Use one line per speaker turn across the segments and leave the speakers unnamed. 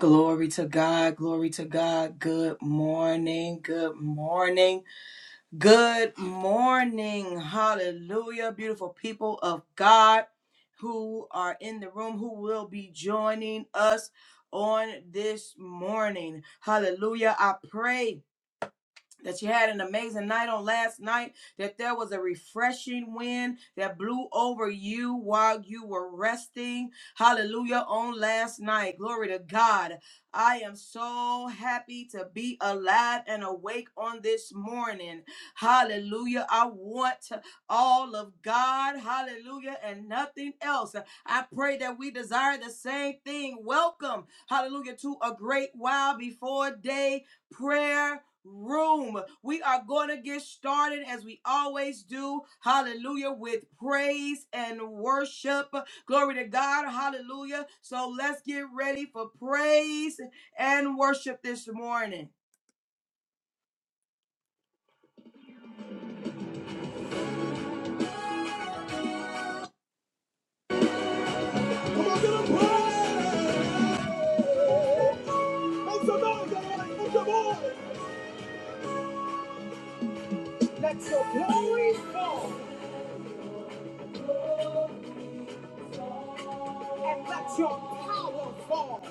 Glory to God. Glory to God. Good morning. Good morning. Good morning. Hallelujah. Beautiful people of God who are in the room, who will be joining us on this morning. Hallelujah. I pray that you had an amazing night on last night, that there was a refreshing wind that blew over you while you were resting. Hallelujah on last night. Glory to God. I am so happy to be alive and awake on this morning. Hallelujah. I want all of God. Hallelujah. And nothing else. I pray that we desire the same thing. Welcome. Hallelujah. To a great while before day prayer room. We are going to get started as we always do. Hallelujah. With praise and worship. Glory to God. Hallelujah. So let's get ready for praise and worship this morning. Come on, give him praise. Make some noise, everybody. Make some noise. Let your glory fall and let your power fall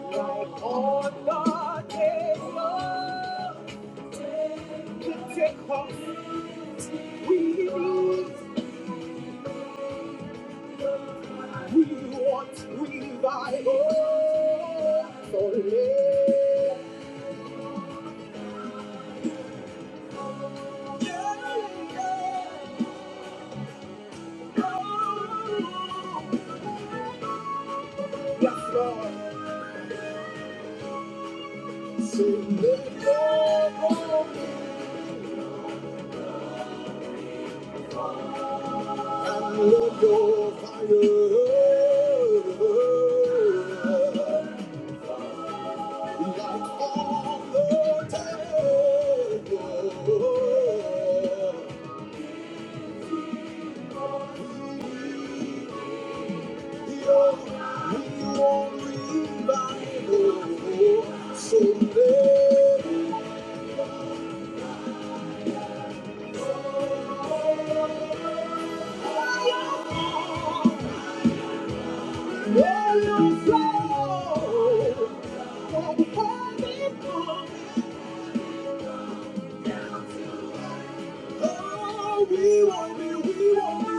like on the day of Pentecost. We need, we want revival. So let go. yes, Lord. So let go and let your fire. Like all the table. We won't be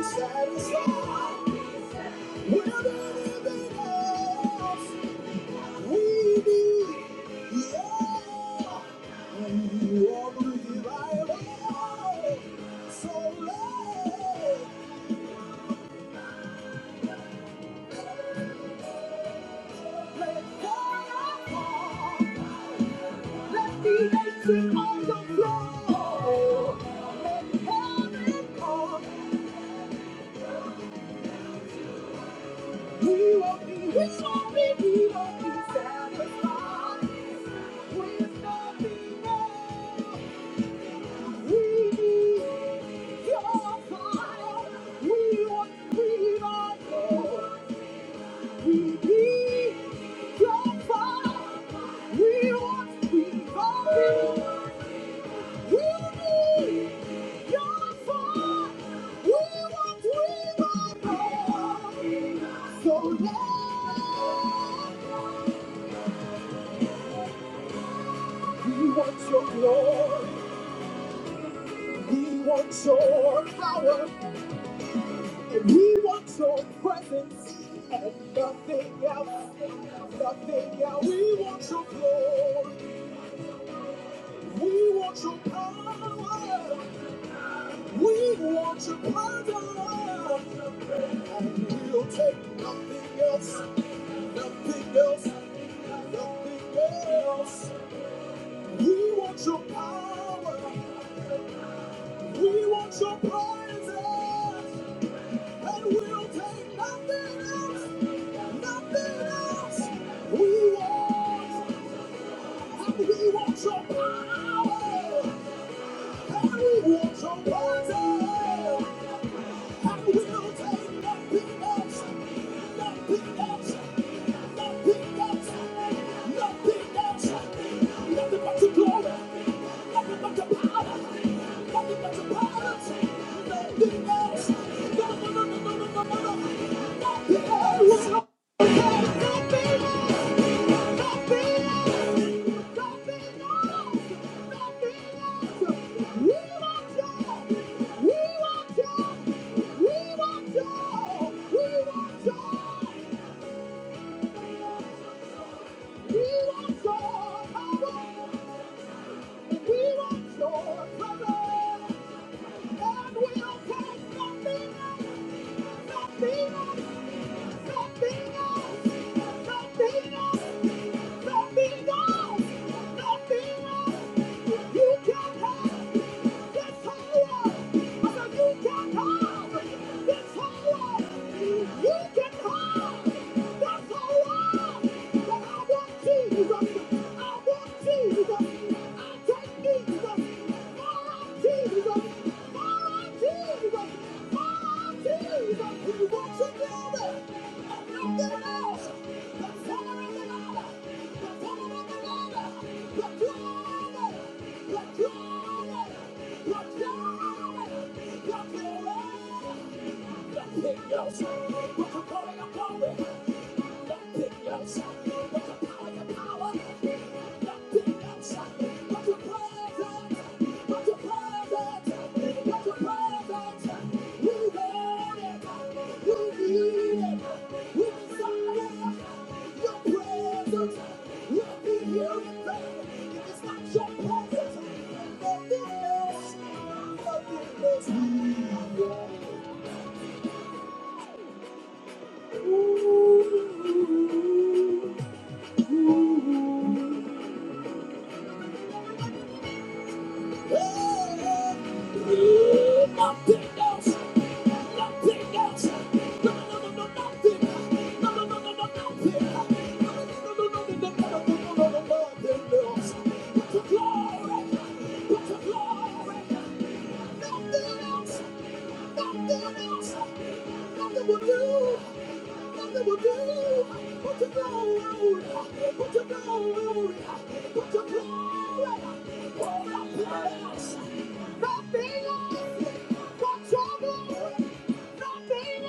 Satisfied with anything else. We won't be, we won't be, we won't be satisfied with nothing else. So Lord, we want your glory, we want your power, We want your presence and nothing else, nothing else. We want your glory, we want your power, we want your presence, and we'll take nothing else, nothing else, nothing else. We want your power, we want your presence, and we'll take nothing else. Nothing else we want. And we want your power. And we want your wonder. And we'll take nothing else. Nothing else. Nothing else. Nothing else. Nothing but your glory. Nothing but your power. Nothing but your promise. Nothing else. No, no, no, no, no, no, no, no. Nothing else. Nothing else. Nothing, nothing. Jesus! I want Jesus! Yes. What's the point of calling? Ooh. Nothing else. Nothing else. No, no, no, no, no, nothing. No, no, no, no, no, nothing. No, no, no, no, no, no, no, no, no, no, no, no, nothing But your glory. But glory. Nothing else. Nothing else. Nothing will do. Put your glory, put your glory, pour out praise. Nothing else but trouble. Nothing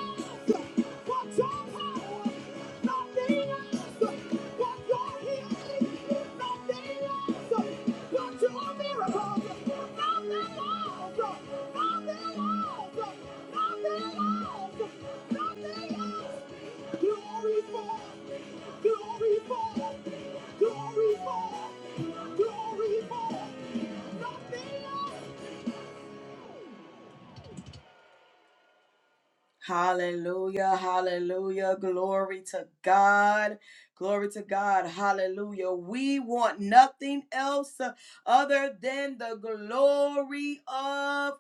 but your power. Nothing but your healing. Nothing else but your miracles. Nothing else. Nothing else. Nothing else. Nothing else. Glory fall. Glory fall. Glory fall. Glory fall. Nothing else. Hallelujah, hallelujah. Glory to God. Glory to God. Hallelujah. We want nothing else uh, other than the glory of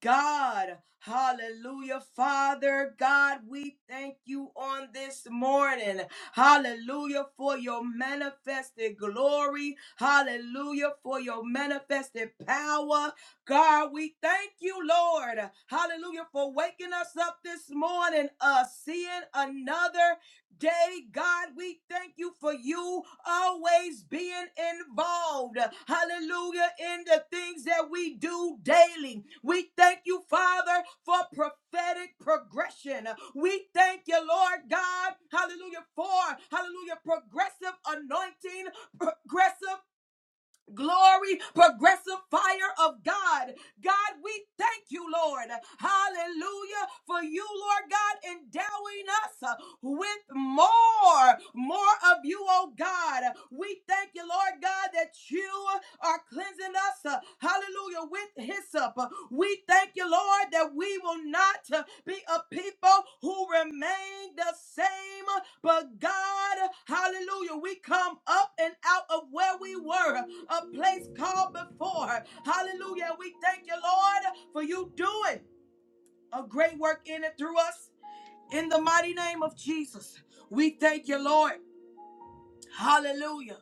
God. Hallelujah. Father God, we thank you on this morning. Hallelujah for your manifested glory. Hallelujah for your manifested power. God, we thank you, Lord. Hallelujah for waking us up this morning, uh, seeing another day, God. We thank you for you always being involved, hallelujah, in the things that we do daily. We thank you, Father, for prophetic progression. We thank you, Lord God, hallelujah, for hallelujah, progressive anointing, progressive glory, progressive fire of God. God, we thank you, Lord. Hallelujah. For you, Lord God, endowing us uh, with more, more of you, oh God. We thank you, Lord God, that you are cleansing us. uh, Hallelujah with hyssop. We thank you, Lord, that we will not uh, be a people who remain the same, but God, hallelujah, we come up and out of where we were, a place called before. Hallelujah. We thank you, Lord, for you doing a great work in and through us. In the mighty name of Jesus, we thank you, Lord. Hallelujah.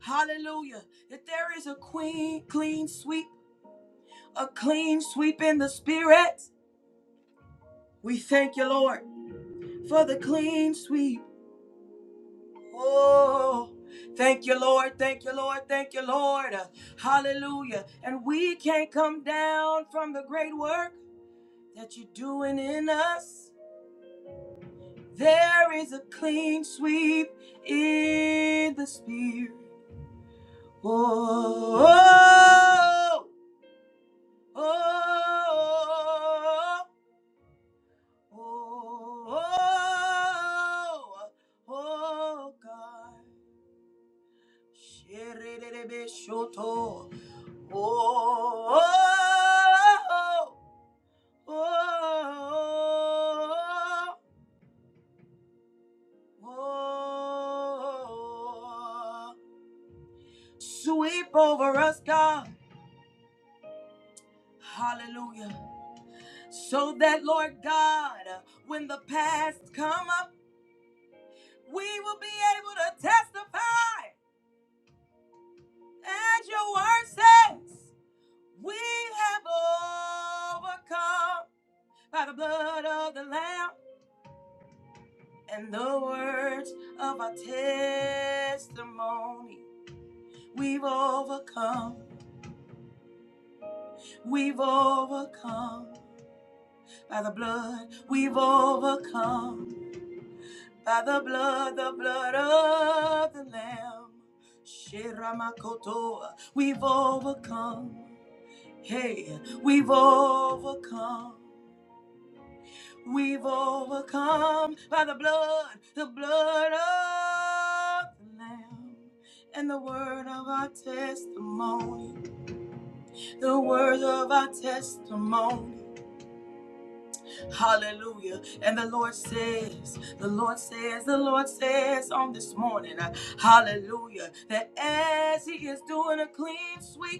Hallelujah. That there is a queen, clean sweep a clean sweep in the spirit. We thank you, Lord, for the clean sweep. Oh, thank you, Lord. Thank you, Lord. Thank you, Lord. Hallelujah. And we can't come down from the great work that you're doing in us. There is a clean sweep in the spirit. Oh, oh, oh, Oh, oh, oh God. Shiridirishoto. Oh, oh, oh, oh, oh. oh. Sweep over us, God. Hallelujah. So that, Lord God, when the past come up, we will be able to testify as your word says. We have overcome by the blood of the Lamb and the words of our testimony. We've overcome, we've overcome by the blood, we've overcome by the blood, the blood of the Lamb. Shiramakotoa, we've overcome. Hey, we've overcome. We've overcome by the blood, the blood of the Lamb, and the word of our testimony, the word of our testimony. Hallelujah. And the Lord says, the Lord says, the Lord says on this morning, uh, hallelujah, that as He is doing a clean sweep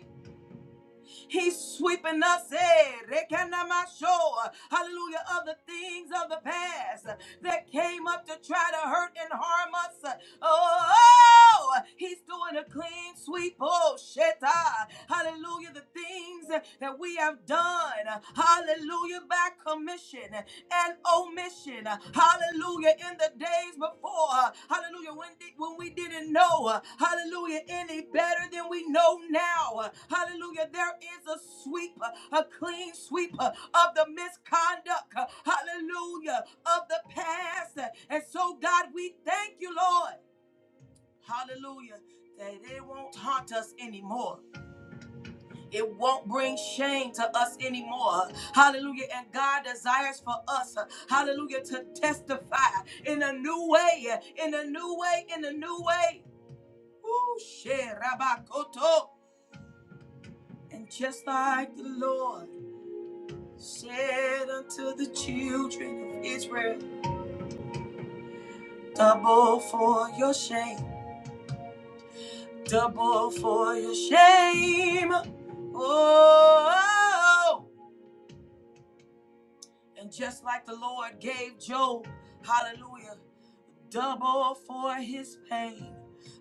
He's sweeping us, eh, rekanamasho, hallelujah, of the things of the past that came up to try to hurt and harm us. Oh, he's doing a clean sweep. Oh, shit. ah. Hallelujah. The things that we have done. Hallelujah. By commission and omission. Hallelujah. In the days before, hallelujah, when, di- when we didn't know, hallelujah, any better than we know now. Hallelujah. There is a sweep, a clean sweep of the misconduct, hallelujah, of the past. And so, God, we thank you, Lord. Hallelujah. That they won't haunt us anymore. It won't bring shame to us anymore. Hallelujah. And God desires for us, uh, hallelujah, to testify in a new way, uh, in a new way, in a new way. Ooh, sherabakoto. And just like the Lord said unto the children of Israel, double for your shame, double for your shame. Oh, and just like the Lord gave Job, hallelujah. double for his pain.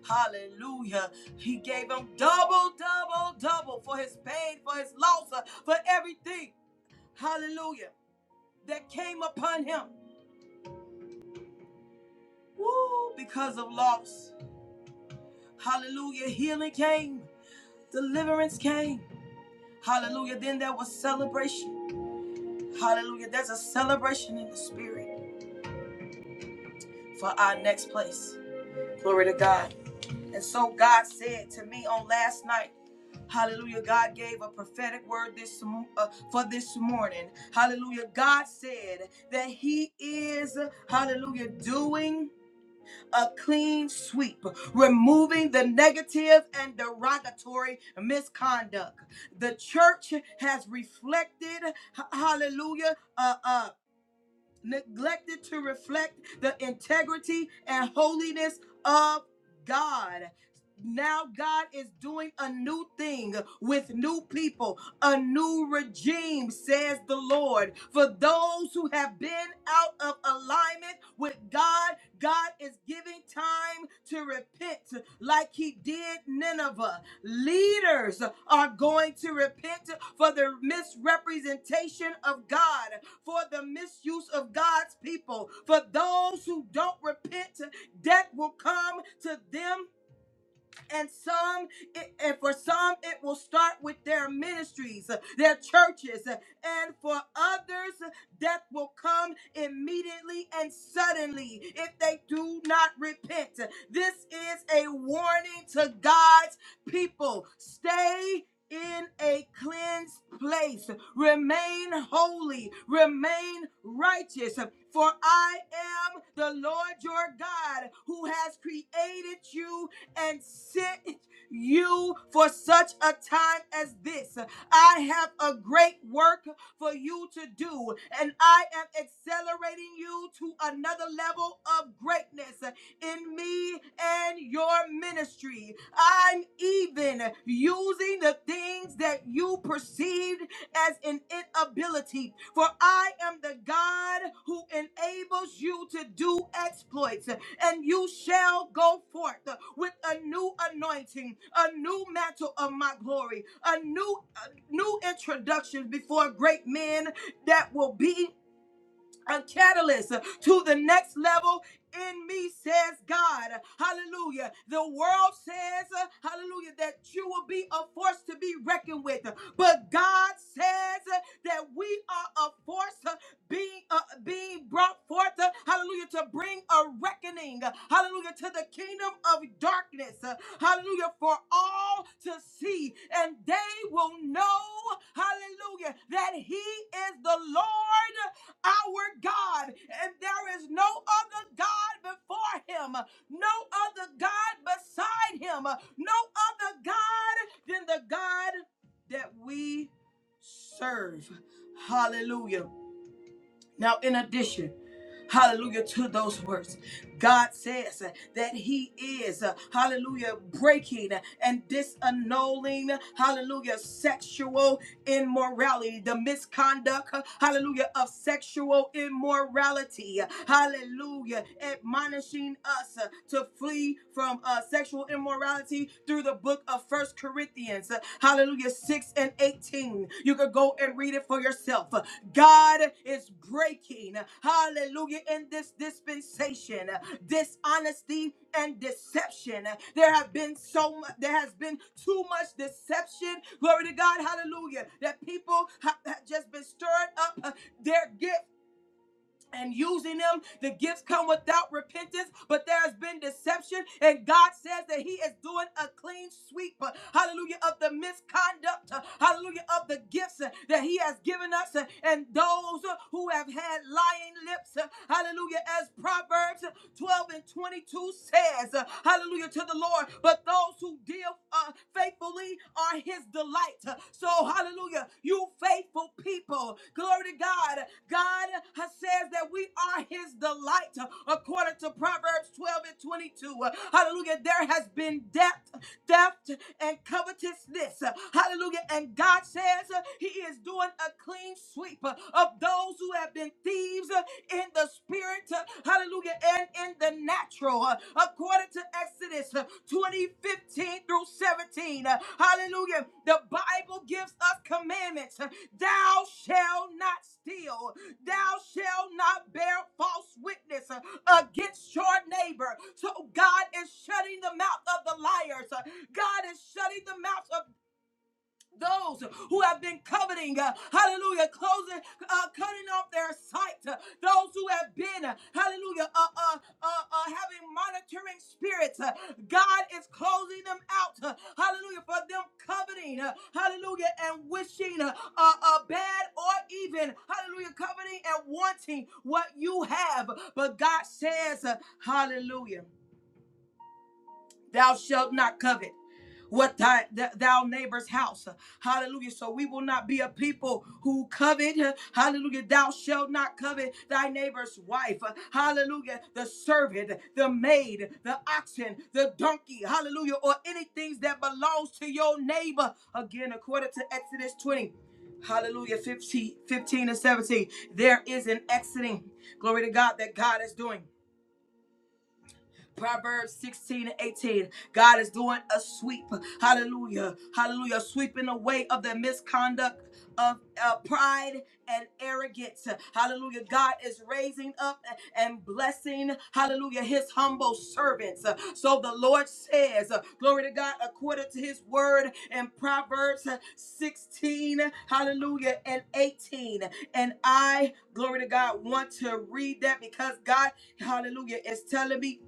Hallelujah. He gave him double, double, double for his pain, for his loss, uh, for everything. Hallelujah. That came upon him. Woo, because of loss. Hallelujah. Healing came, deliverance came. Hallelujah. Then there was celebration. Hallelujah. There's a celebration in the spirit for our next place. Glory to God. And so God said to me on last night, Hallelujah. God gave a prophetic word this mo- uh, for this morning. Hallelujah. God said that he is hallelujah doing a clean sweep, removing the negative and derogatory misconduct. The church has reflected h- hallelujah uh uh neglected to reflect the integrity and holiness of God. Now God is doing a new thing with new people, a new regime, says the Lord. For those who have been out of alignment with God, God is giving time to repent like he did Nineveh. Leaders are going to repent for the misrepresentation of God, for the misuse of God's people. For those who don't repent, death will come to them and some it- and for some it will start with their ministries their churches and for others death will come immediately and suddenly if they do not repent this is a warning to god's people stay in a cleansed place, remain holy, remain righteous. For I am the Lord your God who has created you and sent you for such a time as this. I have a great work for you to do, and I am accelerating you to another level of greatness in me and your ministry. I'm even using the things that you perceived as an inability, for I am the God who enables you to do exploits and you shall go forth uh, with a new anointing, a new mantle of my glory, a new a new introduction before great men that will be a catalyst to the next level in me, says God. Hallelujah. The world says, uh, hallelujah, that you will be a force to be reckoned with. But God says uh, that we are a force uh, being, uh, being brought forth, uh, hallelujah, to bring a reckoning, uh, hallelujah, to the kingdom of darkness, uh, hallelujah, for all to see. And they will know, hallelujah, that He is the Lord our God, and there is no other God before him, no other God beside him, no other God than the God that we serve. Hallelujah. Now, in addition, hallelujah to those words, God says uh, that He is, uh, hallelujah, breaking and disannulling, hallelujah, sexual immorality, the misconduct, uh, hallelujah, of sexual immorality, hallelujah, admonishing us uh, to flee from uh, sexual immorality through the book of of First Corinthians, uh, hallelujah, 6 and 18. You could go and read it for yourself. Uh, God is breaking, uh, hallelujah, in this dispensation, uh, dishonesty and deception. Uh, There have been so much, there has been too much deception. Glory to God, hallelujah, that people ha- have just been stirred up uh, their gifts and using them. The gifts come without repentance, but there has been deception, and God says that He is doing a clean sweep, uh, hallelujah, of the misconduct, uh, hallelujah, of the gifts uh, that He has given us, uh, and those uh, who have had lying lips, uh, hallelujah, as Proverbs 12 and 22 says, uh, hallelujah, to the Lord, but those who deal uh, faithful faithfully are his delight. So, hallelujah, you faithful people. Glory to God. God has says that we are his delight according to Proverbs 12 and 22. Hallelujah. There has been death, theft, and covetousness. Hallelujah. And God says he is doing a clean sweep of those who have been thieves in the the spirit, uh, hallelujah, and in the natural, uh, according to Exodus uh, 20 fifteen through 17. uh, Hallelujah. The Bible gives us commandments. uh, Thou shalt not steal, thou shalt not bear false witness uh, against your neighbor. So God is shutting the mouth of the liars, uh, God is shutting the mouths of those who have been coveting, uh, hallelujah, closing, uh, cutting off their sight, uh, those who have been, uh, hallelujah, uh, uh, uh, uh, having monitoring spirits. uh, God is closing them out, uh, hallelujah, for them coveting, uh, hallelujah, and wishing uh, uh, uh, bad or even, hallelujah, coveting and wanting what you have. But God says, uh, hallelujah. Thou shalt not covet what thy, th- thou neighbor's house. Hallelujah. So we will not be a people who covet. Hallelujah. Thou shalt not covet thy neighbor's wife. Hallelujah. The servant, the maid, the oxen, the donkey. Hallelujah. Or any things that belongs to your neighbor. Again, according to Exodus 20. Hallelujah 15, 15, and 17. There is an exiting. Glory to God that God is doing. Proverbs 16 and 18. God is doing a sweep. Hallelujah. Hallelujah. Sweeping away of the misconduct of uh, pride and arrogance. Hallelujah. God is raising up and blessing, hallelujah, his humble servants. So the Lord says, uh, glory to God, according to his word in Proverbs 16, hallelujah, and 18. And I, glory to God, want to read that because God, hallelujah, is telling me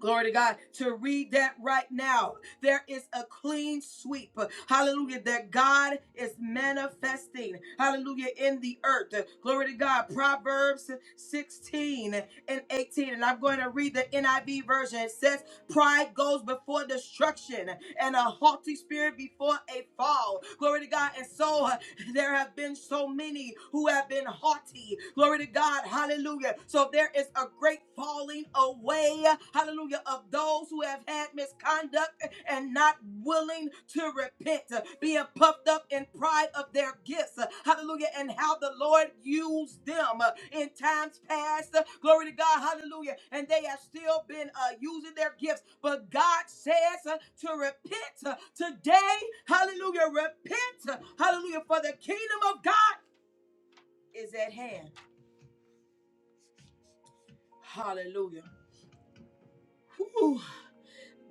Glory to God. To read that right now. There is a clean sweep. Hallelujah. That God is manifesting. Hallelujah. In the earth. Glory to God. Proverbs 16 and 18. And I'm going to read the NIV version. It says, Pride goes before destruction and a haughty spirit before a fall. Glory to God. And so uh, there have been so many who have been haughty. Glory to God. Hallelujah. So there is a great falling away. Hallelujah. Of those who have had misconduct and not willing to repent, being puffed up in pride of their gifts hallelujah, and how the Lord used them uh, in times past. Uh, Glory to God, hallelujah. And they have still been uh, using their gifts. But God says uh, to repent uh, today, hallelujah, repent, uh, hallelujah, for the kingdom of God is at hand. Hallelujah. Whew.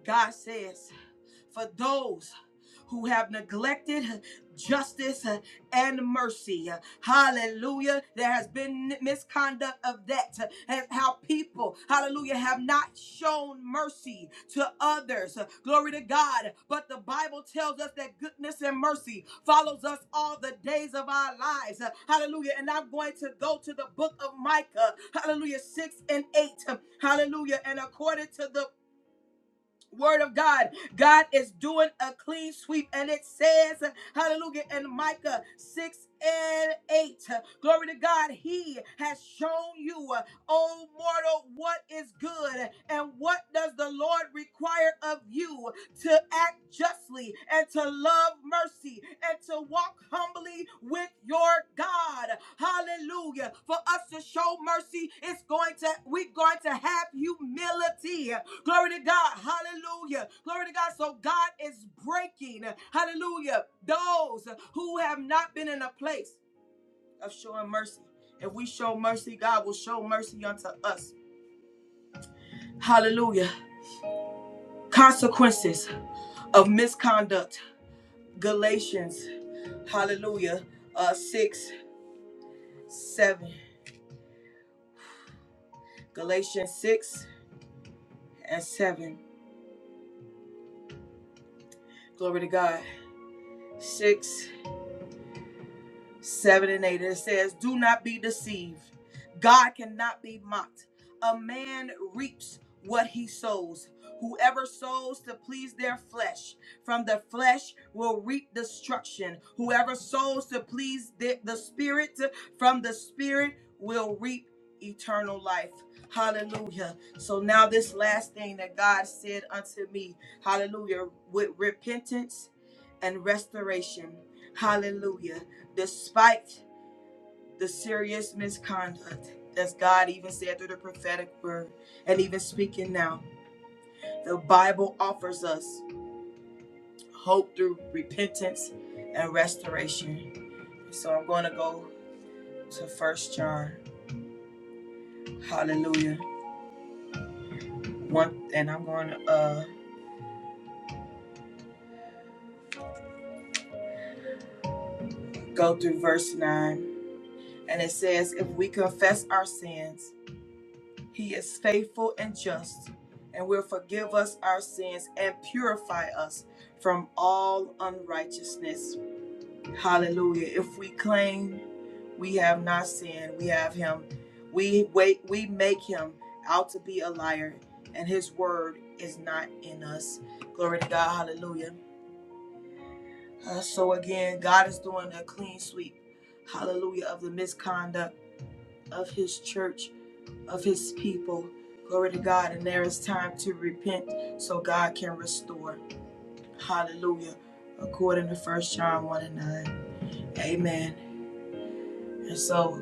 God says, for those who have neglected justice and mercy. Hallelujah. There has been misconduct of that. And how people, hallelujah, have not shown mercy to others. Glory to God. But the Bible tells us that goodness and mercy follows us all the days of our lives. Hallelujah. And I'm going to go to the book of Micah. Hallelujah. 6 and 8. Hallelujah. And according to the Word of God, God is doing a clean sweep, and it says, Hallelujah, in Micah 6 and 8. Glory to God, He has shown you, O mortal, what is good and what does the Lord require of you to act justly and to love mercy and to walk humbly with your God. Hallelujah. For us to show mercy, it's going to we're going to have humility. Glory to God. Hallelujah. Glory to God. So God is breaking, hallelujah, those who have not been in a place of showing mercy. If we show mercy, God will show mercy unto us. Hallelujah. Consequences of misconduct. Galatians Hallelujah. Uh, 6, 7. Galatians 6 and 7. Glory to God. 6 7 and 8. It says, Do not be deceived. God cannot be mocked. A man reaps what he sows. Whoever sows to please their flesh, from the flesh will reap destruction. Whoever sows to please the, the Spirit, from the Spirit will reap eternal life. Hallelujah. So now, this last thing that God said unto me, hallelujah, with repentance and restoration. Hallelujah despite the serious misconduct as God even said through the prophetic word and even speaking now the Bible offers us hope through repentance and restoration so I'm going to go to first John hallelujah one and I'm going to uh go through verse 9 and it says if we confess our sins He is faithful and just and will forgive us our sins and purify us from all unrighteousness. Hallelujah. If we claim we have not sinned, we have him. We wait we make him out to be a liar and his word is not in us. Glory to God. Hallelujah. Uh, so again, God is doing a clean sweep. Hallelujah of the misconduct of his church of his people. Glory to God. And there is time to repent so God can restore. Hallelujah. According to First John 1 and 9. Amen. And so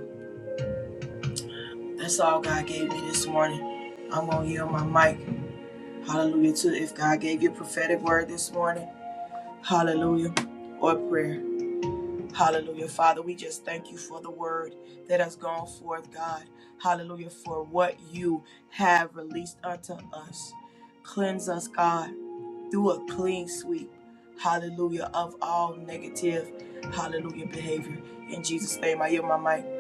that's all God gave me this morning. I'm going to yield my mic. Hallelujah. To if God gave you a prophetic word this morning, hallelujah. Or prayer. Hallelujah. Father, we just thank you for the word that has gone forth, God. Hallelujah. For what you have released unto us. Cleanse us, God. through a clean sweep, hallelujah, of all negative, hallelujah, behavior. In Jesus' name, I yield my mic.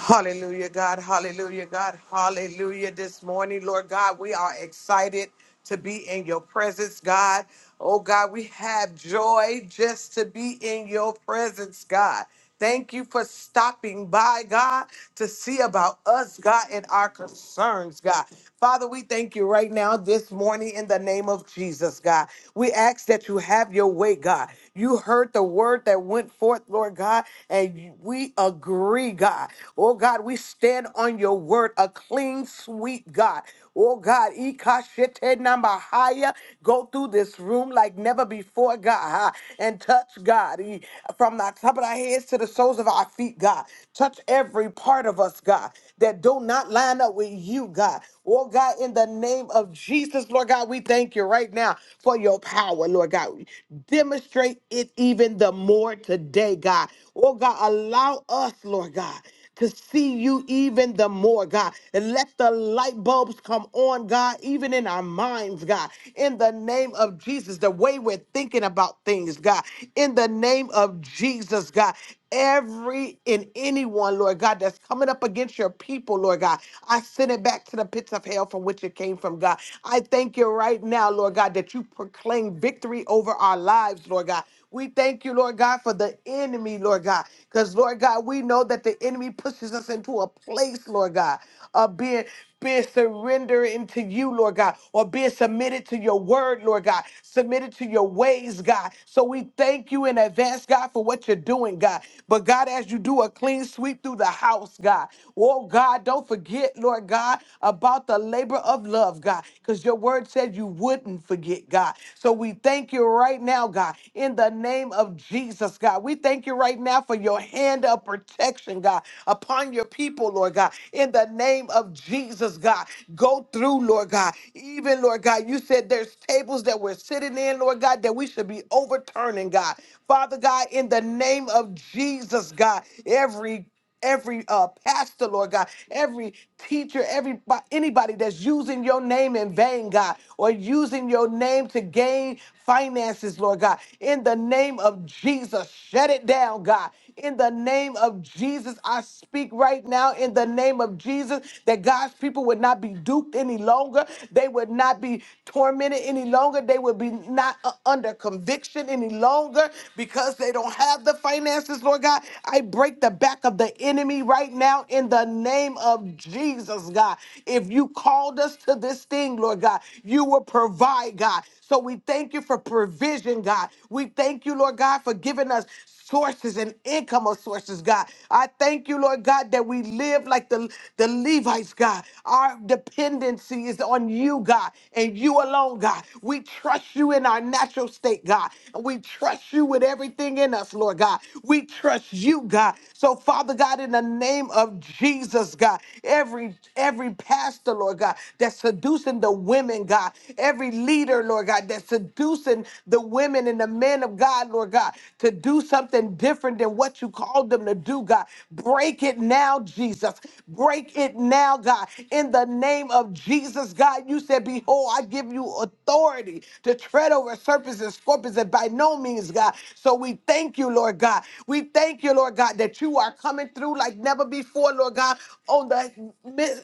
Hallelujah, God. Hallelujah, God. Hallelujah. This morning, Lord God, we are excited to be in your presence, God. Oh, God, we have joy just to be in your presence, God. Thank you for stopping by, God, to see about us, God, and our concerns, God. Father, we thank you right now this morning in the name of Jesus, God. We ask that you have your way, God. You heard the word that went forth, Lord God, and we agree, God. Oh God, we stand on your word, a clean sweep, God. Oh God, ikashete number higher. Go through this room like never before, God, huh? and touch God E- from the top of our heads to the soles of our feet, God. Touch every part of us, God, that do not line up with you, God. Oh God, in the name of Jesus, Lord God, we thank you right now for your power, Lord God. Demonstrate it even the more today, God. Oh God, allow us, Lord God to see you even the more, God. And let the light bulbs come on, God, even in our minds, God. In the name of Jesus, the way we're thinking about things, God. In the name of Jesus, God. Every and anyone, Lord God, that's coming up against your people, Lord God, I send it back to the pits of hell from which it came from, God. I thank you right now, Lord God, that you proclaim victory over our lives, Lord God. We thank you, Lord God, for the enemy, Lord God, because, Lord God, we know that the enemy enemy pushes us into a place, Lord God, of being being surrendered into you, Lord God, or being submitted to your word, Lord God, submitted to your ways, God. So we thank you in advance, God, for what you're doing, God. But God, as you do a clean sweep through the house, God, oh God, don't forget, Lord God, about the labor of love, God, because your word said you wouldn't forget, God. So we thank you right now, God, in the name of Jesus, God. We thank you right now for your hand of protection, God, upon your people, Lord God. In the name of Jesus, God, go through, Lord God. Even, Lord God, you said there's tables that we're sitting in, Lord God, that we should be overturning, God. Father God, in the name of Jesus, God, every every uh, pastor, Lord God, every teacher, every anybody that's using your name in vain, God, or using your name to gain finances, Lord God. In the name of Jesus, shut it down, God. In the name of Jesus, I speak right now in the name of Jesus that God's people would not be duped any longer. They would not be tormented any longer. They would be not uh, under conviction any longer because they don't have the finances, Lord God. I break the back of the enemy right now in the name of Jesus, God. If you called us to this thing, Lord God, you will provide, God. So we thank you for provision, God. We thank you, Lord God, for giving us sources and income of sources, God. I thank you, Lord God, that we live like the, the Levites, God. Our dependency is on you, God, and you alone, God. We trust you in our natural state, God. And we trust you with everything in us, Lord God. We trust you, God. So, Father God, in the name of Jesus, God, every every pastor, Lord God, that's seducing the women women, God, every leader, Lord God, that's seducing the women and the men of God, Lord God, to do something different than what you called them to do, God. Break it now, Jesus. Break it now, God. In the name of Jesus, God, you said, Behold, I give you authority to tread over serpents and scorpions, and by no means, God. So we thank you, Lord God. We thank you, Lord God, that you are coming through like never before, Lord God, on the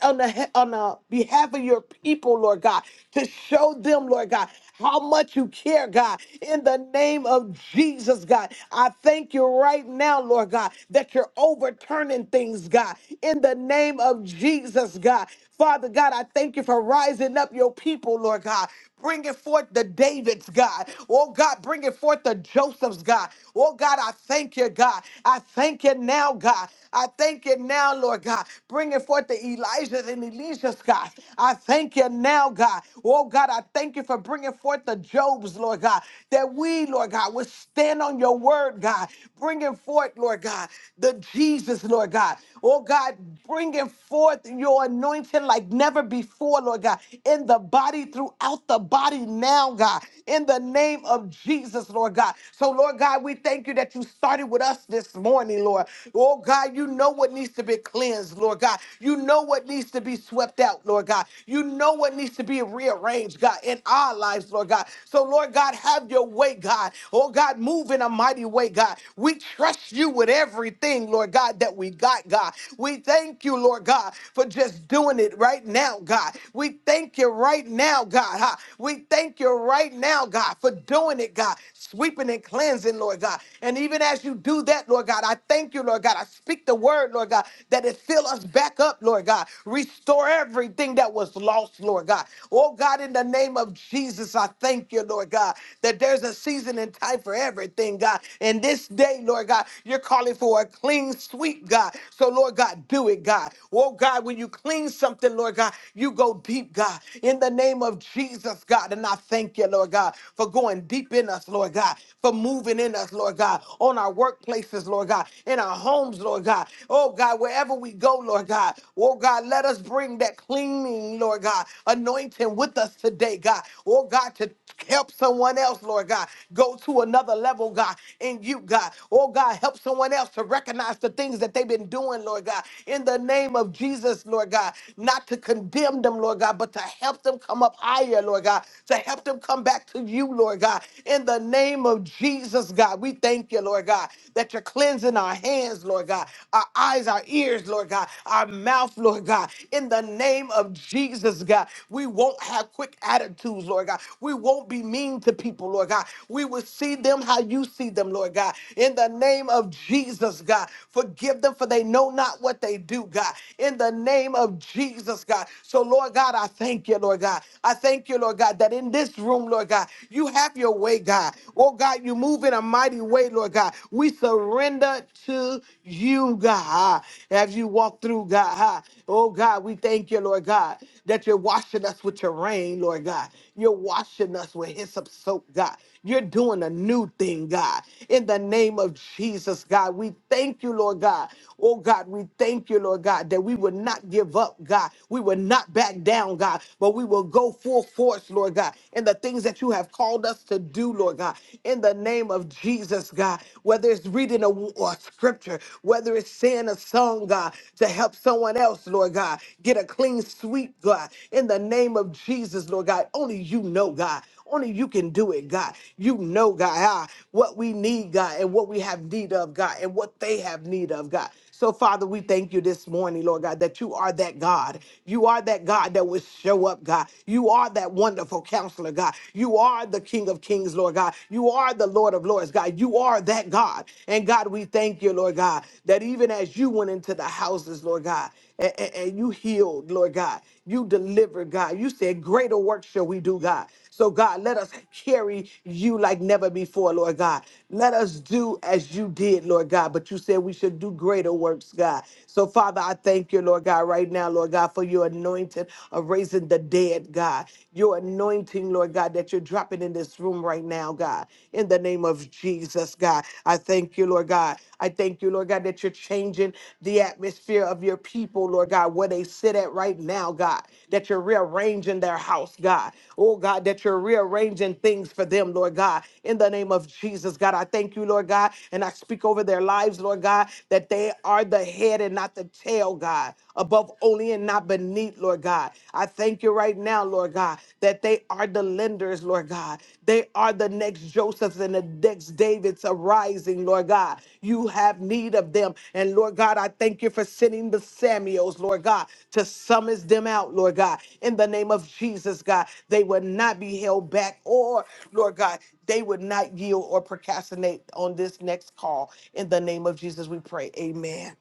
on the on the behalf behalf of your people, Lord God, to show them, Lord God, how much you care, God. In the name of Jesus, God, I thank you right now, Lord God, that you're overturning things, God. In the name of Jesus, God. Father God, I thank you for rising up your people, Lord God. Bringing forth the Davids, God. Oh God, bringing forth the Josephs, God. Oh God, I thank you, God. I thank you now, God. I thank you now, Lord God. Bringing forth the Elijahs and Elishas, God. I thank you now, God. Oh, God, I thank you for bringing forth the Jobs, Lord God, that we, Lord God, would stand on your word, God, bringing forth, Lord God, the Jesus, Lord God. Oh, God, bringing forth your anointing like never before, Lord God, in the body, throughout the body now, God, in the name of Jesus, Lord God. So, Lord God, we thank you that you started with us this morning, Lord. Oh, God, you know what needs to be to be cleansed, Lord God. You know what needs to be swept out, Lord God. You know what needs to be rearranged, God, in our lives, Lord God. So, Lord God, have your way, God. Oh, God, move in a mighty way, God. We trust you with everything, Lord God, that we got, God. We thank you, Lord God, for just doing it right now, God. We thank you right now, God. huh? We thank you right now, God, for doing it, God sweeping and cleansing, Lord God. And even as you do that, Lord God, I thank you, Lord God. I speak the word, Lord God, that it fill us back up, Lord God. Restore everything that was lost, Lord God. Oh God, in the name of Jesus, I thank you, Lord God, that there's a season and time for everything, God. And this day, Lord God, you're calling for a clean sweep, God. So, Lord God, do it, God. Oh God, when you clean something, Lord God, you go deep, God, in the name of Jesus, God. And I thank you, Lord God, for going deep in us, Lord God, for moving in us, Lord God, on our workplaces, Lord God, in our homes, Lord God. Oh God, wherever we go, Lord God. Oh God, let us bring that cleaning, Lord God, anointing with us today, God. Oh God, to help someone else, Lord God, go to another level, God, in you, God. Oh God, help someone else to recognize the things that they've been doing, Lord God, in the name of Jesus, Lord God, not to condemn them, Lord God, but to help them come up higher, Lord God, to help help them come back to you, Lord God. In the name of Jesus, God, we thank you, Lord God, that you're cleansing our hands, Lord God, our eyes, our ears, Lord God, our mouth, Lord God. In the name of Jesus, God, we won't have quick attitudes, Lord God. We won't be mean to people, Lord God. We will see them how you see them, Lord God. In the name of Jesus, God, forgive them for they know not what they do, God. In the name of Jesus, God. So, Lord God, I thank you, Lord God. I thank thank you, Lord God, that in this room, Lord God, you have your way, God. Oh, God, you move in a mighty way, Lord God. We surrender to you, God, as you walk through, God. Oh, God, we thank you, Lord God, that you're washing us with your rain, Lord God. You're washing us with hyssop soap, God. You're doing a new thing, God. In the name of Jesus, God, we thank you, Lord God. Oh, God, we thank you, Lord God, that we would not give up, God. We would not back down, God, but we will go full force, Lord God, in the things that you have called us to do, Lord God. In the name of Jesus, God, whether it's reading a, a scripture, whether it's saying a song, God, to help someone else, Lord God, get a clean sweep, God. God. In the name of Jesus, Lord God, only you know, God. Only you can do it, God. You know, God, ah, what we need, God, and what we have need of, God, and what they have need of, God. So, Father, we thank you this morning, Lord God, that you are that God. You are that God that will show up, God. You are that wonderful counselor, God. You are the King of Kings, Lord God. You are the Lord of Lords, God. You are that God. And God, we thank you, Lord God, that even as you went into the houses, Lord God, and, and- and you healed, Lord God. You delivered, God. You said, Greater work shall we do, God. So, God, let us carry you like never before, Lord God. Let us do as you did, Lord God. But you said we should do greater works, God. So, Father, I thank you, Lord God, right now, Lord God, for your anointing of raising the dead, God. Your anointing, Lord God, that you're dropping in this room right now, God. In the name of Jesus us, God. I thank you, Lord God. I thank you, Lord God, that you're changing the atmosphere of your people, Lord God, where they sit at right now, God, that you're rearranging their house, God. Oh, God, that you're rearranging things for them, Lord God. In the name of Jesus, God, I thank you, Lord God, and I speak over their lives, Lord God, that they are the head and not the tail, God, above only and not beneath, Lord God. I thank you right now, Lord God, that they are the lenders, Lord God. They are the next Josephs and the next Davids arising, Lord God. You have need of them. And Lord God, I thank you for sending the Samuels, Lord God, to summons them out, Lord God. In the name of Jesus, God, they would not be held back or, Lord God, they would not yield or procrastinate on this next call. In the name of Jesus, we pray. Amen.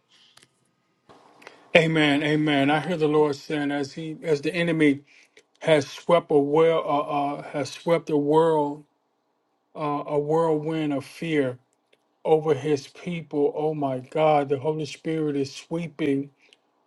Amen, amen. I hear the Lord saying, as he, as the enemy has swept a well, uh, uh, has swept a world, uh, a whirlwind of fear over his people. Oh my God, the Holy Spirit is sweeping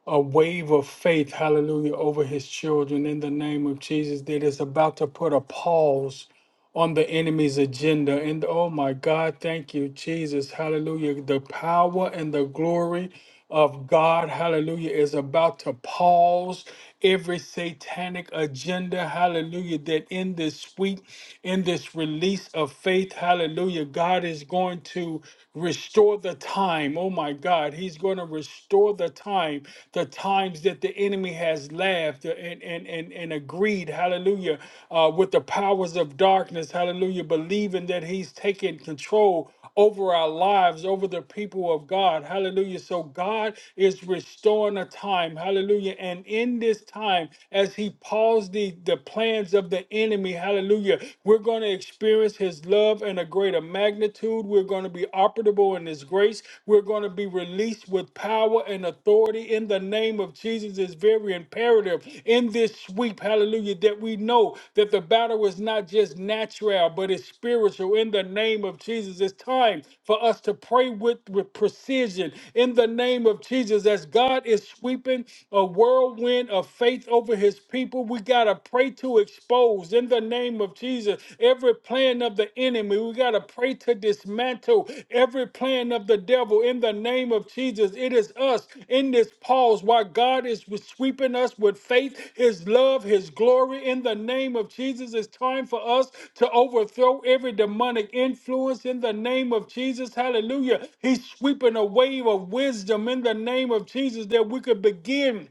a wave of faith, hallelujah, over his children in the name of Jesus that is about to put a pause on the enemy's agenda. And oh my God, thank you, Jesus. Hallelujah. The power and the glory of God, hallelujah, is about to pause every satanic agenda, hallelujah, that in this week, in this release of faith, hallelujah, God is going to restore the time. Oh my God, He's going to restore the time, the times that the enemy has has laughed and, and, and, and agreed, hallelujah, uh, with the powers of darkness, hallelujah, believing that he's taken control over our lives, over the people of God, hallelujah. So God is restoring a time, hallelujah. And in this time, as he paused the, the plans of the enemy, hallelujah, we're going to experience his love in a greater magnitude. We're going to be operable in his grace, we're going to be released with power and authority in the name of Jesus. It's very imperative in this sweep, hallelujah, that we know that the battle is not just natural, but it's spiritual in the name of Jesus. It's time for us to pray with, with precision in the name of Jesus. As God is sweeping a whirlwind of faith over his people, we got to pray to expose in the name of Jesus of Jesus. Every plan of the enemy, we got to pray to dismantle every plan of the devil in the name of Jesus. It is us in this pause while God is sweeping us with faith, his love, his glory in the name of Jesus. It's time for us to overthrow every demonic influence in the name of Jesus. Hallelujah. He's sweeping a wave of wisdom in the name of Jesus that we could begin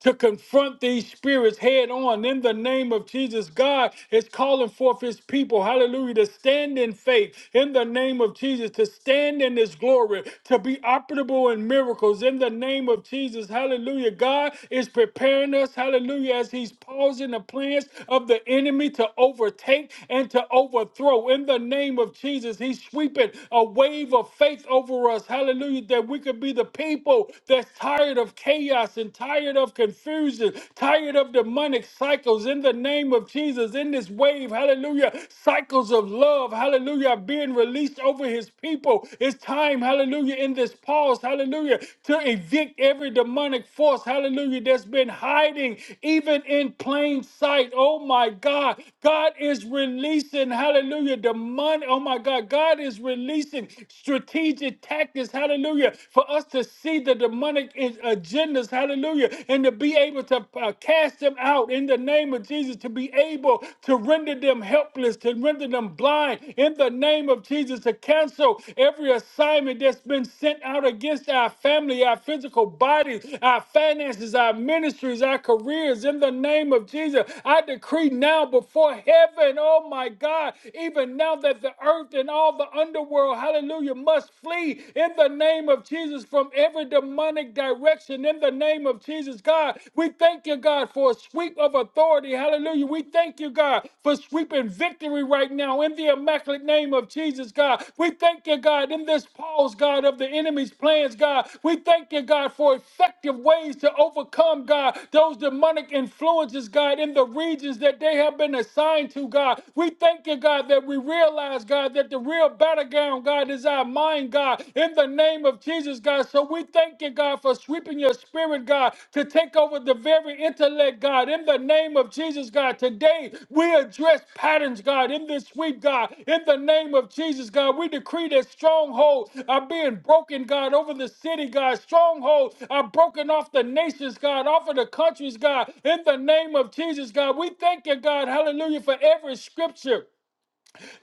to confront these spirits head on in the name of Jesus. God is calling forth his people, hallelujah, to stand in faith in the name of Jesus, to stand in his glory, to be operable in miracles in the name of Jesus, hallelujah. God is preparing us, hallelujah, as he's pausing the plans of the enemy to overtake and to overthrow in the name of Jesus. He's sweeping a wave of faith over us, hallelujah, that we could be the people that's tired tired of chaos and tired of confusion, tired of demonic cycles in the name of Jesus. In this wave, hallelujah, cycles of love, hallelujah, are being released over his people. It's time, hallelujah, in this pause, hallelujah, to evict every demonic force, hallelujah, that's been hiding even in plain sight. Oh my God, God is releasing, hallelujah, demonic, oh my God, God is releasing strategic tactics, hallelujah, for us to see the demonic agendas, hallelujah, and to be able to uh, cast them out in the name of Jesus, to be able to render them helpless, to render them blind in the name of Jesus, to cancel every assignment that's been sent out against our family, our physical bodies, our finances, our ministries, our careers in the name of Jesus. I decree now before heaven, oh my God, even now that the earth and all the underworld, hallelujah, must flee in the name of Jesus from every demonic direction in the name of Jesus, God. We thank you, God, for a sweep of authority. Hallelujah. We thank you, God, for sweeping victory right now in the immaculate name of Jesus, God. We thank you, God, in this pause, God, of the enemy's plans, God. We thank you, God, for effective ways to overcome, God, those demonic influences, God, in the regions that they have been assigned to, God. We thank you, God, that we realize, God, that that the real battleground, God, is our mind, God, in the name of Jesus, God. So we thank you, God, for sweeping your spirit, God, to take over the very intellect, God, in the name of Jesus, God. Today, we address patterns, God, in this week, God, in the name of Jesus, God. We decree that strongholds are being broken, God, over the city, God. Strongholds are broken off the nations, God, off of the countries, God, in the name of Jesus, God. We thank you, God, hallelujah, for every scripture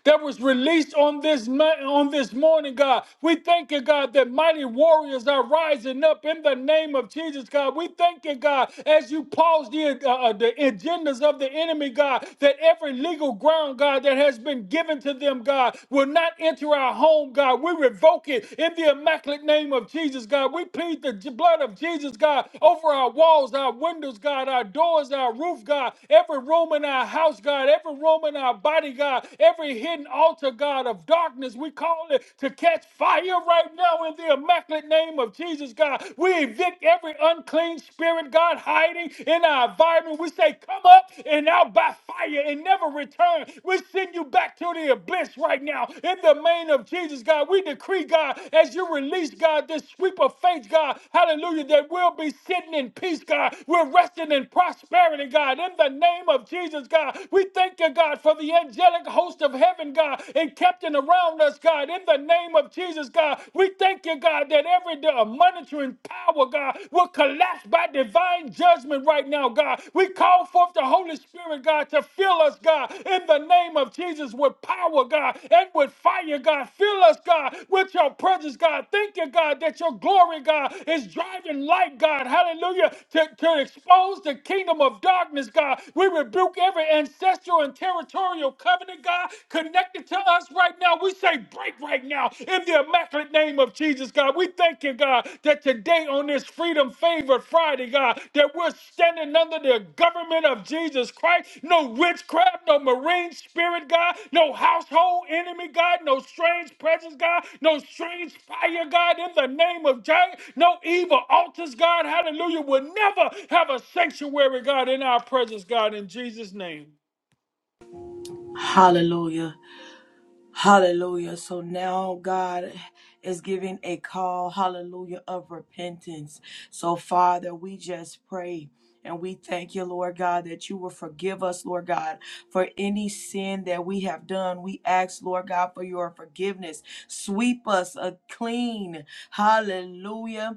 that was released on this ma- on this morning, God. We thank you, God, that mighty warriors are rising up in the name of Jesus, God. We thank you, God, as you pause the uh, uh, the agendas of the enemy, God, that every legal ground, God, that has been given to them, God, will not enter our home, God. We revoke it in the immaculate name of Jesus, God. We plead the j- blood of Jesus, God, over our walls, our windows, God, our doors, our roof, God, every room in our house, God, every room in our body, God. Every hidden altar, God, of darkness, we call it to catch fire right now in the immaculate name of Jesus, God. We evict every unclean spirit, God, hiding in our environment. We say, Come up and out by fire and never return. We send you back to the abyss right now in the name of Jesus, God. We decree, God, as you release, God, this sweep of faith, God, hallelujah, that we'll be sitting in peace, God. We're resting in prosperity, God, in the name of Jesus, God. We thank you, God, for the the angelic host of heaven, God, and encamping around us, God, in the name of Jesus, God. We thank you, God, that every uh, monitoring power, God, will collapse by divine judgment right now, God. We call forth the Holy Spirit, God, to fill us, God, in the name of Jesus with power, God, and with fire, God. Fill us, God, with your presence, God. Thank you, God, that your glory, God, is driving light, God. Hallelujah. To, to expose the kingdom of darkness, God. We rebuke every ancestral and and territorial covenant, God, connected to us right now. We say break right now in the immaculate name of Jesus, God. We thank you, God, that today on this Freedom Favored Friday, God, that we're standing under the government of Jesus Christ. No witchcraft, no marine spirit, God, no household enemy, God, no strange presence, God, no strange fire, God, in the name of Jesus. No evil altars, God, hallelujah, will never have a sanctuary, God, in our presence, God, in Jesus' name.
Hallelujah. Hallelujah. So now God is giving a call, hallelujah, of repentance. So, Father, we just pray. And we thank you, Lord God, that you will forgive us, Lord God, for any sin that we have done. We ask, Lord God, for your forgiveness. Sweep us a clean, hallelujah,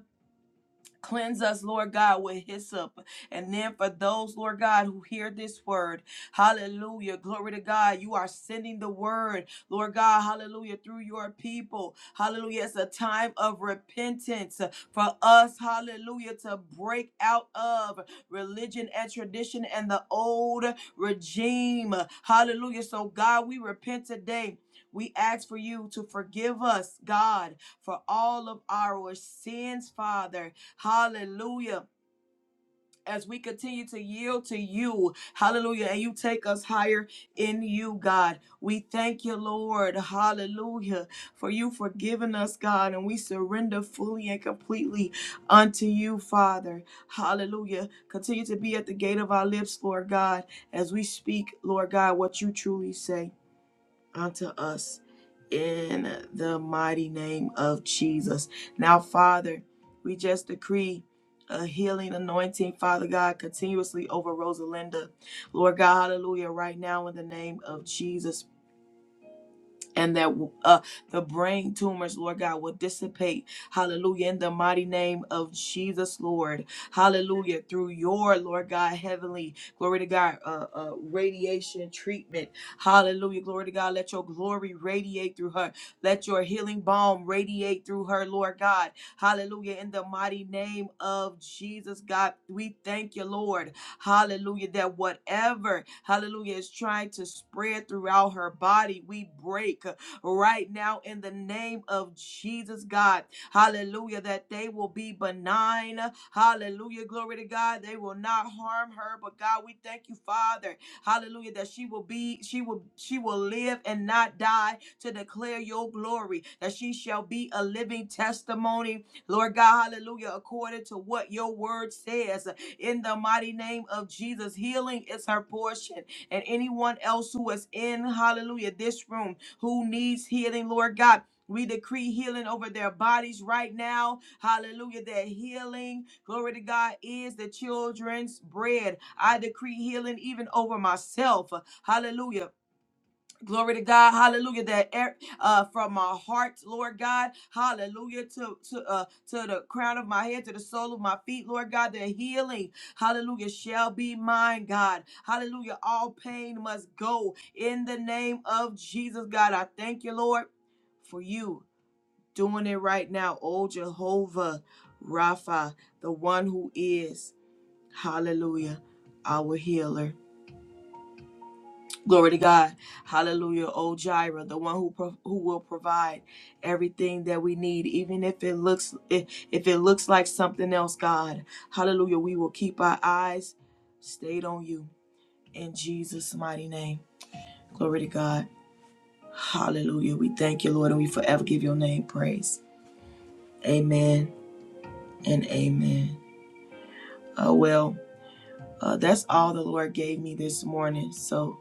Cleanse us, Lord God, with hyssop. And then for those, Lord God, who hear this word, hallelujah, glory to God, you are sending the word, Lord God, hallelujah, through your people. Hallelujah, it's a time of repentance for us, hallelujah, to break out of religion and tradition and the old regime. Hallelujah. So, God, we repent today. We ask for you to forgive us, God, for all of our sins, Father. Hallelujah. As we continue to yield to you, hallelujah, and you take us higher in you, God. We thank you, Lord, hallelujah, for you forgiving us, God, and we surrender fully and completely unto you, Father, hallelujah. Continue to be at the gate of our lips, Lord God, as we speak, Lord God, what you truly say unto us in the mighty name of Jesus. Now, Father, we just decree a healing anointing, Father God, continuously over Rosalinda. Lord God, hallelujah, right now in the name of Jesus and that uh, the brain tumors, Lord God, will dissipate. Hallelujah. In the mighty name of Jesus, Lord. Hallelujah. Through your, Lord God, heavenly, glory to God, uh, uh, radiation treatment. Hallelujah. Glory to God. Let your glory radiate through her. Let your healing balm radiate through her, Lord God. Hallelujah. In the mighty name of Jesus, God, we thank you, Lord. Hallelujah. That whatever, hallelujah, is trying to spread throughout her body, we break uh, right now in the name of Jesus, God. Hallelujah. That they will be benign. Hallelujah. Glory to God. They will not harm her. But God, we thank you, Father. Hallelujah. That she will be, she will, she will live and not die to declare your glory. That she shall be a living testimony. Lord God, hallelujah. According to what your word says in the mighty name of Jesus. Healing is her portion. And anyone else who is in, hallelujah, this room who needs healing, Lord God. We decree healing over their bodies right now. Hallelujah. That healing, glory to God, is the children's bread. I decree healing even over myself. Hallelujah Glory to God, hallelujah. That air uh, from my heart, Lord God, hallelujah, to to uh, to the crown of my head, to the sole of my feet, Lord God, that healing, hallelujah, shall be mine, God, hallelujah. All pain must go in the name of Jesus, God. I thank you, Lord, for you doing it right now, oh Jehovah Rapha, the one who is, hallelujah, our healer. Glory to God. Hallelujah. Oh Jireh, the one who pro- who will provide everything that we need, even if it looks if, if it looks like something else, God. Hallelujah. We will keep our eyes stayed on you in Jesus mighty name. Glory to God. Hallelujah. We thank you, Lord, and we forever give your name praise. Amen and amen. Oh well, uh, that's all the Lord gave me this morning. So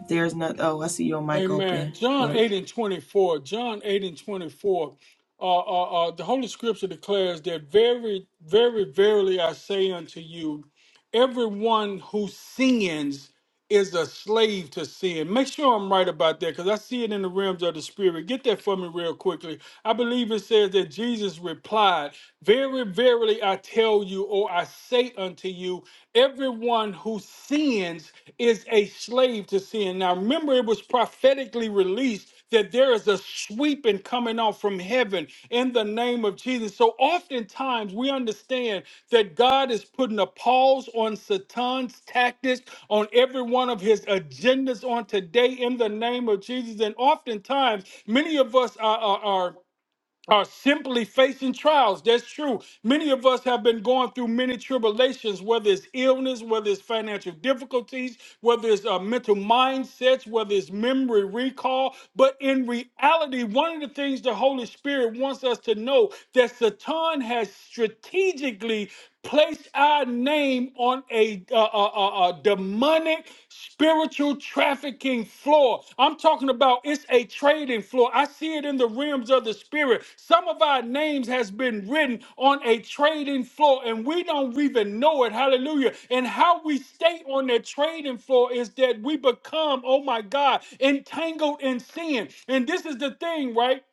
if there's not oh, I see your mic open.
Amen. John
Glory.
8 and 24. John 8 and 24. Uh, uh, uh, the Holy Scripture declares that very, very, verily I say unto you, everyone who sins is a slave to sin. Make sure I'm right about that because I see it in the realms of the spirit. Get that for me real quickly. I believe it says that Jesus replied, Very, verily I tell you, or I say unto to you, everyone who sins is a slave to sin. Now, remember, it was prophetically released that there is a sweeping coming out from heaven in the name of Jesus. So, oftentimes, we understand that God is putting a pause on Satan's tactics, on every one of his agendas on today in the name of Jesus. And oftentimes, many of us are. are, are are simply facing trials. That's true. Many of us have been going through many tribulations, whether it's illness, whether it's financial difficulties, whether it's uh, mental mindsets, whether it's memory recall. But in reality, one of the things the Holy Spirit wants us to know that Satan has strategically place our name on a, uh, uh, uh, uh, demonic spiritual trafficking floor. I'm talking about it's a trading floor. I see it in the realms of the spirit. Some of our names has been written on a trading floor and we don't even know it. Hallelujah. And how we stay on that trading floor is that we become, oh my God, entangled in sin. And this is the thing, right?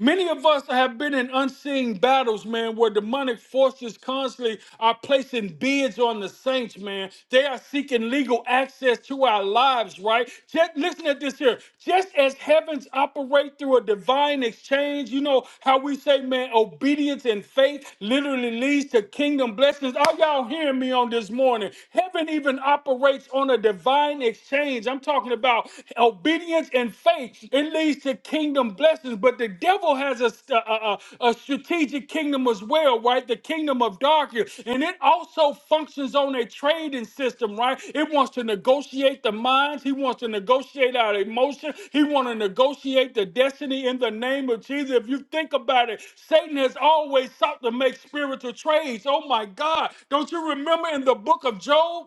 Many of us have been in unseen battles, man, where demonic forces constantly are placing bids on the saints, man. They are seeking legal access to our lives, right? Just, listen at this here. Just as heavens operate through a divine exchange, you know how we say, man, obedience and faith literally leads to kingdom blessings. Are y'all hearing me on this morning? Heaven even operates on a divine exchange. I'm talking about obedience obedience and faith, it leads to kingdom blessings. But the devil has a, st- a, a- a strategic kingdom as well, right? The kingdom of darkness. And it also functions on a trading system, right? It wants to negotiate the minds. He wants to negotiate our emotion. He wants to negotiate the destiny in the name of Jesus. If you think about it, Satan has always sought to make spiritual trades. Oh my God. Don't you remember in the book of Job?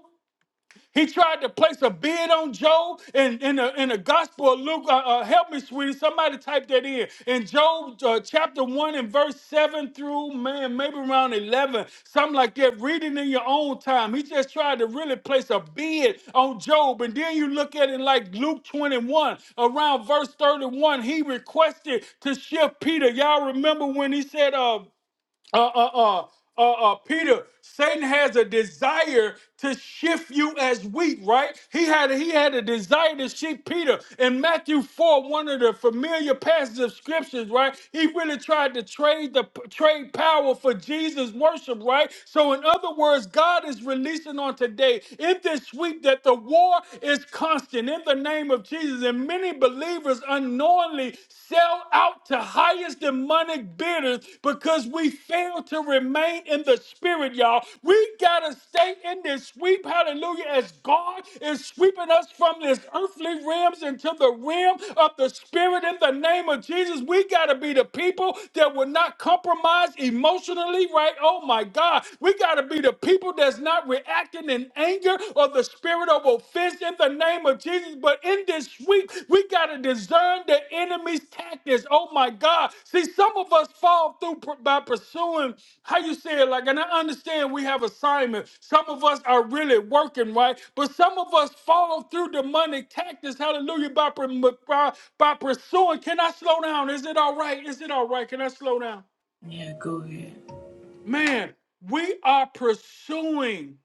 He tried to place a bid on Job in, in, the, in the Gospel of Luke. Uh, uh, help me, sweetie. Somebody type that in. In Job uh, chapter 1 and verse 7 through, man, maybe around 11, something like that. Read it in your own time. He just tried to really place a bid on Job. And then you look at it like Luke 21, around verse 31, he requested to shift Peter. Y'all remember when he said, uh, uh, uh, uh, uh, uh, Peter, Satan has a desire to shift you as wheat, right? He had he had a desire to shift Peter in Matthew four, one of the familiar passages of scriptures, right? He really tried to trade the trade power for Jesus' worship, right? So, in other words, God is releasing on today in this week that the war is constant in the name of Jesus, and many believers believers unknowingly sell out to highest demonic bidders because we fail to remain in the spirit, y'all. We gotta stay in this sweep, hallelujah, as God is sweeping us from this earthly realms into the realm of the spirit in the name of Jesus. We gotta be the people that will not compromise emotionally, right? Oh my God. We gotta be the people that's not reacting in anger or the spirit of offense in the name of Jesus. But in this week, we got to discern the enemy's tactics. Oh my God. See, some of us fall through pr- by pursuing how you say it, like, and I understand we have assignment. Some of us are really working, right? But some of us fall through demonic tactics, hallelujah, by, pr- by, by pursuing. Can I slow down? Is it all right? Is it all right? Can I slow down?
Yeah, go ahead.
Man, we are pursuing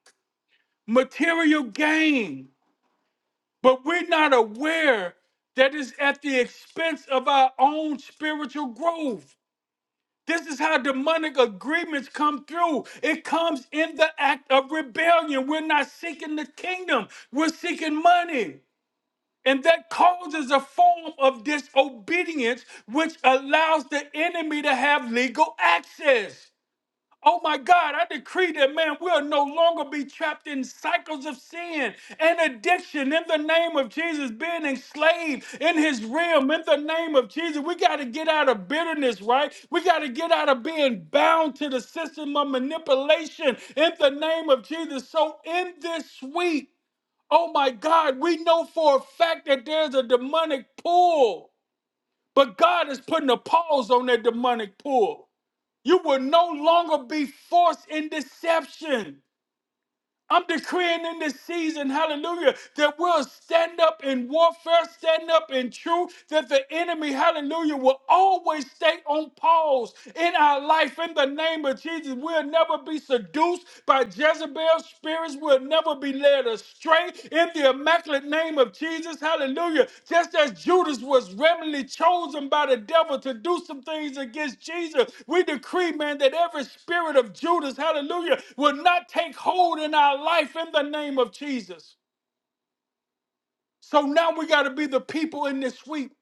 material gain But we're not aware that it's at the expense of our own spiritual growth. This is how demonic agreements come through. It comes in the act of rebellion. We're not seeking the kingdom, we're seeking money. And that causes a form of disobedience, which allows the enemy to have legal access. Oh my God, I decree that, man, we'll no longer be trapped in cycles of sin and addiction in the name of Jesus, being enslaved in his realm in the name of Jesus. We got to get out of bitterness, right? We got to get out of being bound to the system of manipulation in the name of Jesus. So, in this week, oh my God, we know for a fact that there's a demonic pull, but God is putting a pause on that demonic pull. You will no longer be forced in deception. I'm decreeing in this season, hallelujah, that we'll stand up in warfare, stand up in truth, that the enemy, hallelujah, will always stay on pause in our life in the name of Jesus. We'll never be seduced by Jezebel's spirits. We'll never be led astray in the immaculate name of Jesus. Hallelujah. Just as Judas was randomly chosen by the devil to do some things against Jesus, we decree, man, that every spirit of Judas, hallelujah, will not take hold in our life in the name of Jesus. So now we got to be the people in this week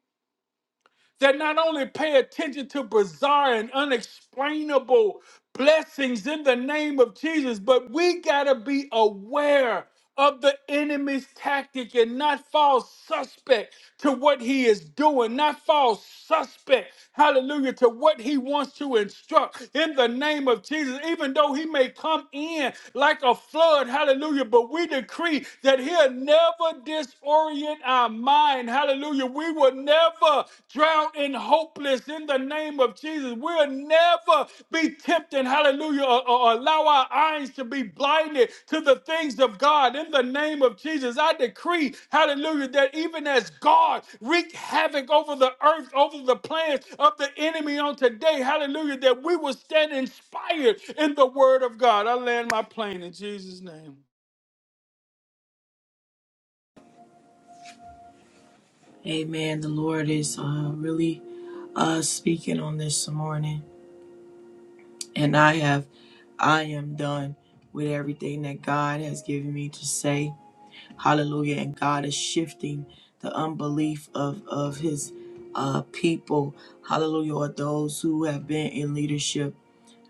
that not only pay attention to bizarre and unexplainable blessings in the name of Jesus, but we got to be aware of the enemy's tactic and not fall suspect to what he is doing, not fall suspect, hallelujah, to what he wants to instruct in the name of Jesus, even though he may come in like a flood, hallelujah, but we decree that he'll never disorient quiet our mind. Hallelujah. We will never drown in hopeless in the name of Jesus. We'll never be tempted. Hallelujah. Or, or allow our eyes to be blinded to the things of God in the name of Jesus. I decree, hallelujah, that even as God wreaked havoc over the earth, over the plans of the enemy on today, hallelujah, that we will stand inspired in the word of God. I land my plane in Jesus' name.
Amen. The Lord is uh, really uh, speaking on this morning, and I have, I am done with everything that God has given me to say. Hallelujah! And God is shifting the unbelief of of His uh, people. Hallelujah! Or those who have been in leadership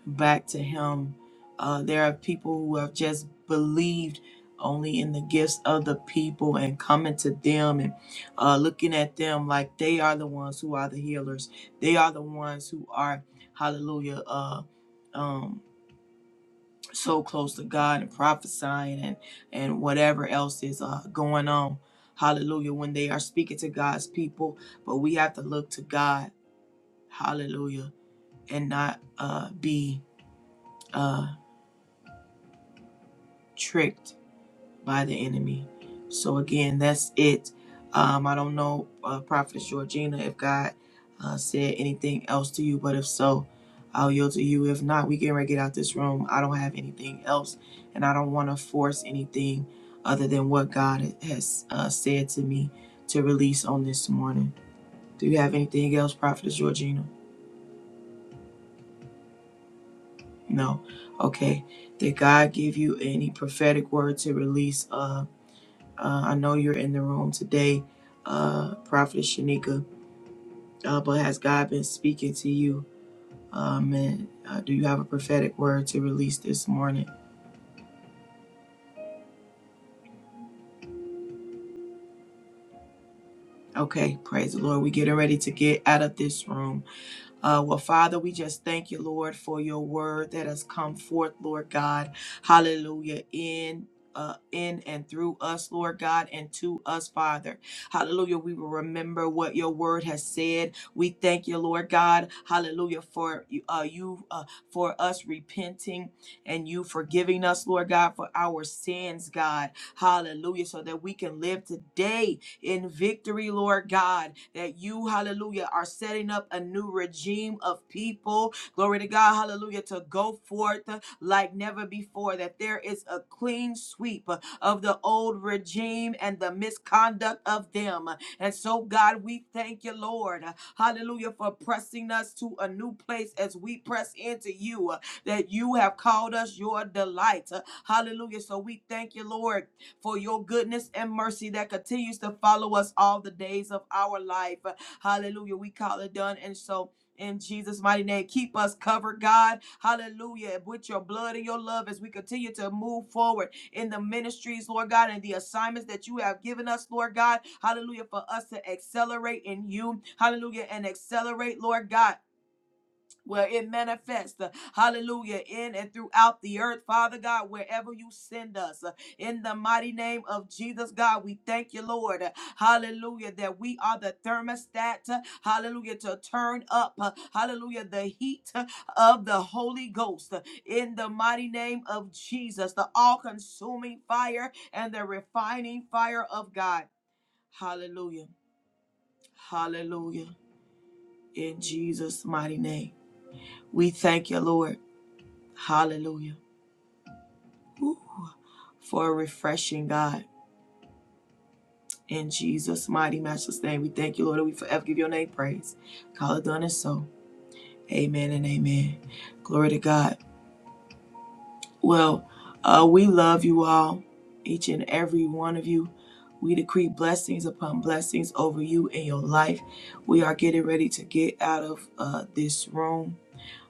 back to Him. Uh, there are people who have just believed only in the gifts of the people and coming to them and uh, looking at them like they are the ones who are the healers. They are the ones who are, hallelujah, uh, um, so close to God and prophesying and, and whatever else is uh, going on. Hallelujah, when they are speaking to God's people, but we have to look to God, hallelujah, and not uh, be uh, tricked by the enemy. So again, that's it. Um, I don't know, uh, Prophetess Georgina, if God uh, said anything else to you, but if so, I'll yield to you. If not, we can ready to get out this room. I don't have anything else, and I don't want to force anything other than what God has uh, said to me to release on this morning. Do you have anything else, Prophetess Georgina? No. Okay. Did God give you any prophetic word to release? Uh, Uh, I know you're in the room today, uh, Prophet Shanika, uh, but has God been speaking to you? Um, and uh, do you have a prophetic word to release this morning? Okay, praise the Lord. We're getting ready to get out of this room. Uh, well, Father, we just thank you, Lord, for your word that has come forth, Lord God. Hallelujah. In uh, in and through us, Lord God, and to us, Father. Hallelujah. We will remember what your word has said. We thank you, Lord God. Hallelujah. For uh, you, uh, for us repenting and you forgiving us, Lord God, for our sins, God. Hallelujah. So that we can live today in victory, Lord God, that you, hallelujah, are setting up a new regime of people. Glory to God, hallelujah, to go forth like never before, that there is a clean sweep of the old regime and the misconduct of them. And so, God, we thank you, Lord, hallelujah, for pressing us to a new place as we press into you, that you have called us your delight. Hallelujah. So we thank you, Lord for your goodness and mercy that continues to follow us all the days of our life. Hallelujah. We call it done. And so, in Jesus' mighty name, keep us covered, God. Hallelujah. With your blood and your love as we continue to move forward in the ministries, Lord God, and the assignments that you have given us, Lord God. Hallelujah. For us to accelerate in you. Hallelujah. And accelerate, Lord God where it manifests, uh, hallelujah, in and throughout the earth, Father God, wherever you send us, uh, in the mighty name of Jesus, God, we thank you, Lord, uh, hallelujah, that we are the thermostat, uh, hallelujah, to turn up, uh, hallelujah, the heat uh, of the Holy Ghost, uh, in the mighty name of Jesus, the all consuming fire and the refining fire of God, hallelujah, hallelujah, in Jesus' mighty name. We thank you, Lord. Hallelujah. Woo. For a refreshing God. In Jesus' mighty, matchless name, we thank you, Lord, that we forever give your name praise. Call it done and so. Amen and amen. Glory to God. Well, uh, we love you all, each and every one of you. We decree blessings upon blessings over you and your life. We are getting ready to get out of uh, this room.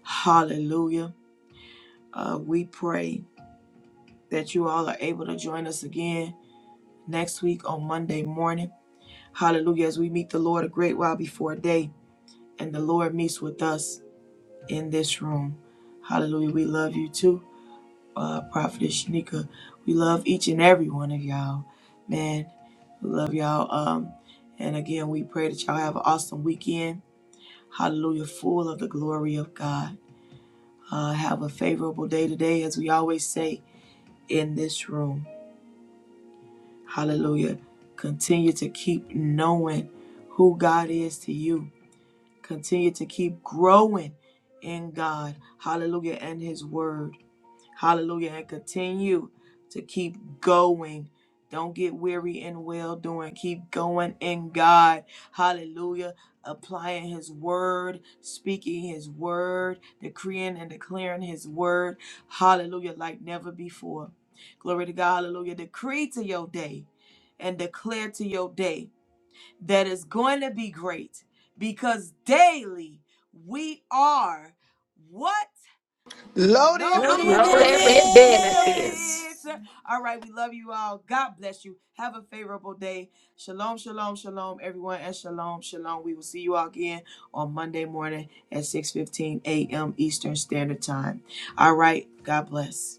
Hallelujah. Uh, we pray that you all are able to join us again next week on Monday morning. Hallelujah. As we meet the Lord a great while before day, and the Lord meets with us in this room. Hallelujah. We love you too, uh, Prophetess Shanika. We love each and every one of y'all. Man, we love y'all. Um, and again, we pray that y'all have an awesome weekend. Hallelujah. Full of the glory of God. Uh, have a favorable day today, as we always say in this room. Hallelujah. Continue to keep knowing who God is to you Continue to keep growing in God. Hallelujah. And His Word. Hallelujah. And continue to keep going. Don't get weary in well doing. Keep going in God. Hallelujah. Applying His Word, speaking His Word, decreeing and declaring His Word. Hallelujah. Like never before. Glory to God. Hallelujah. Decree to your day and declare to your day that is going to be great because daily we are what?
Loaded
Loaded with
Loaded
No,
with
that
with
best
benefits.
business.
benefits. All right, we love you all. God bless you. Have a favorable day. Shalom, shalom, shalom, everyone, and shalom, shalom. We will see you all again on Monday morning at 6 15 a.m. Eastern Standard Time. All right, God bless.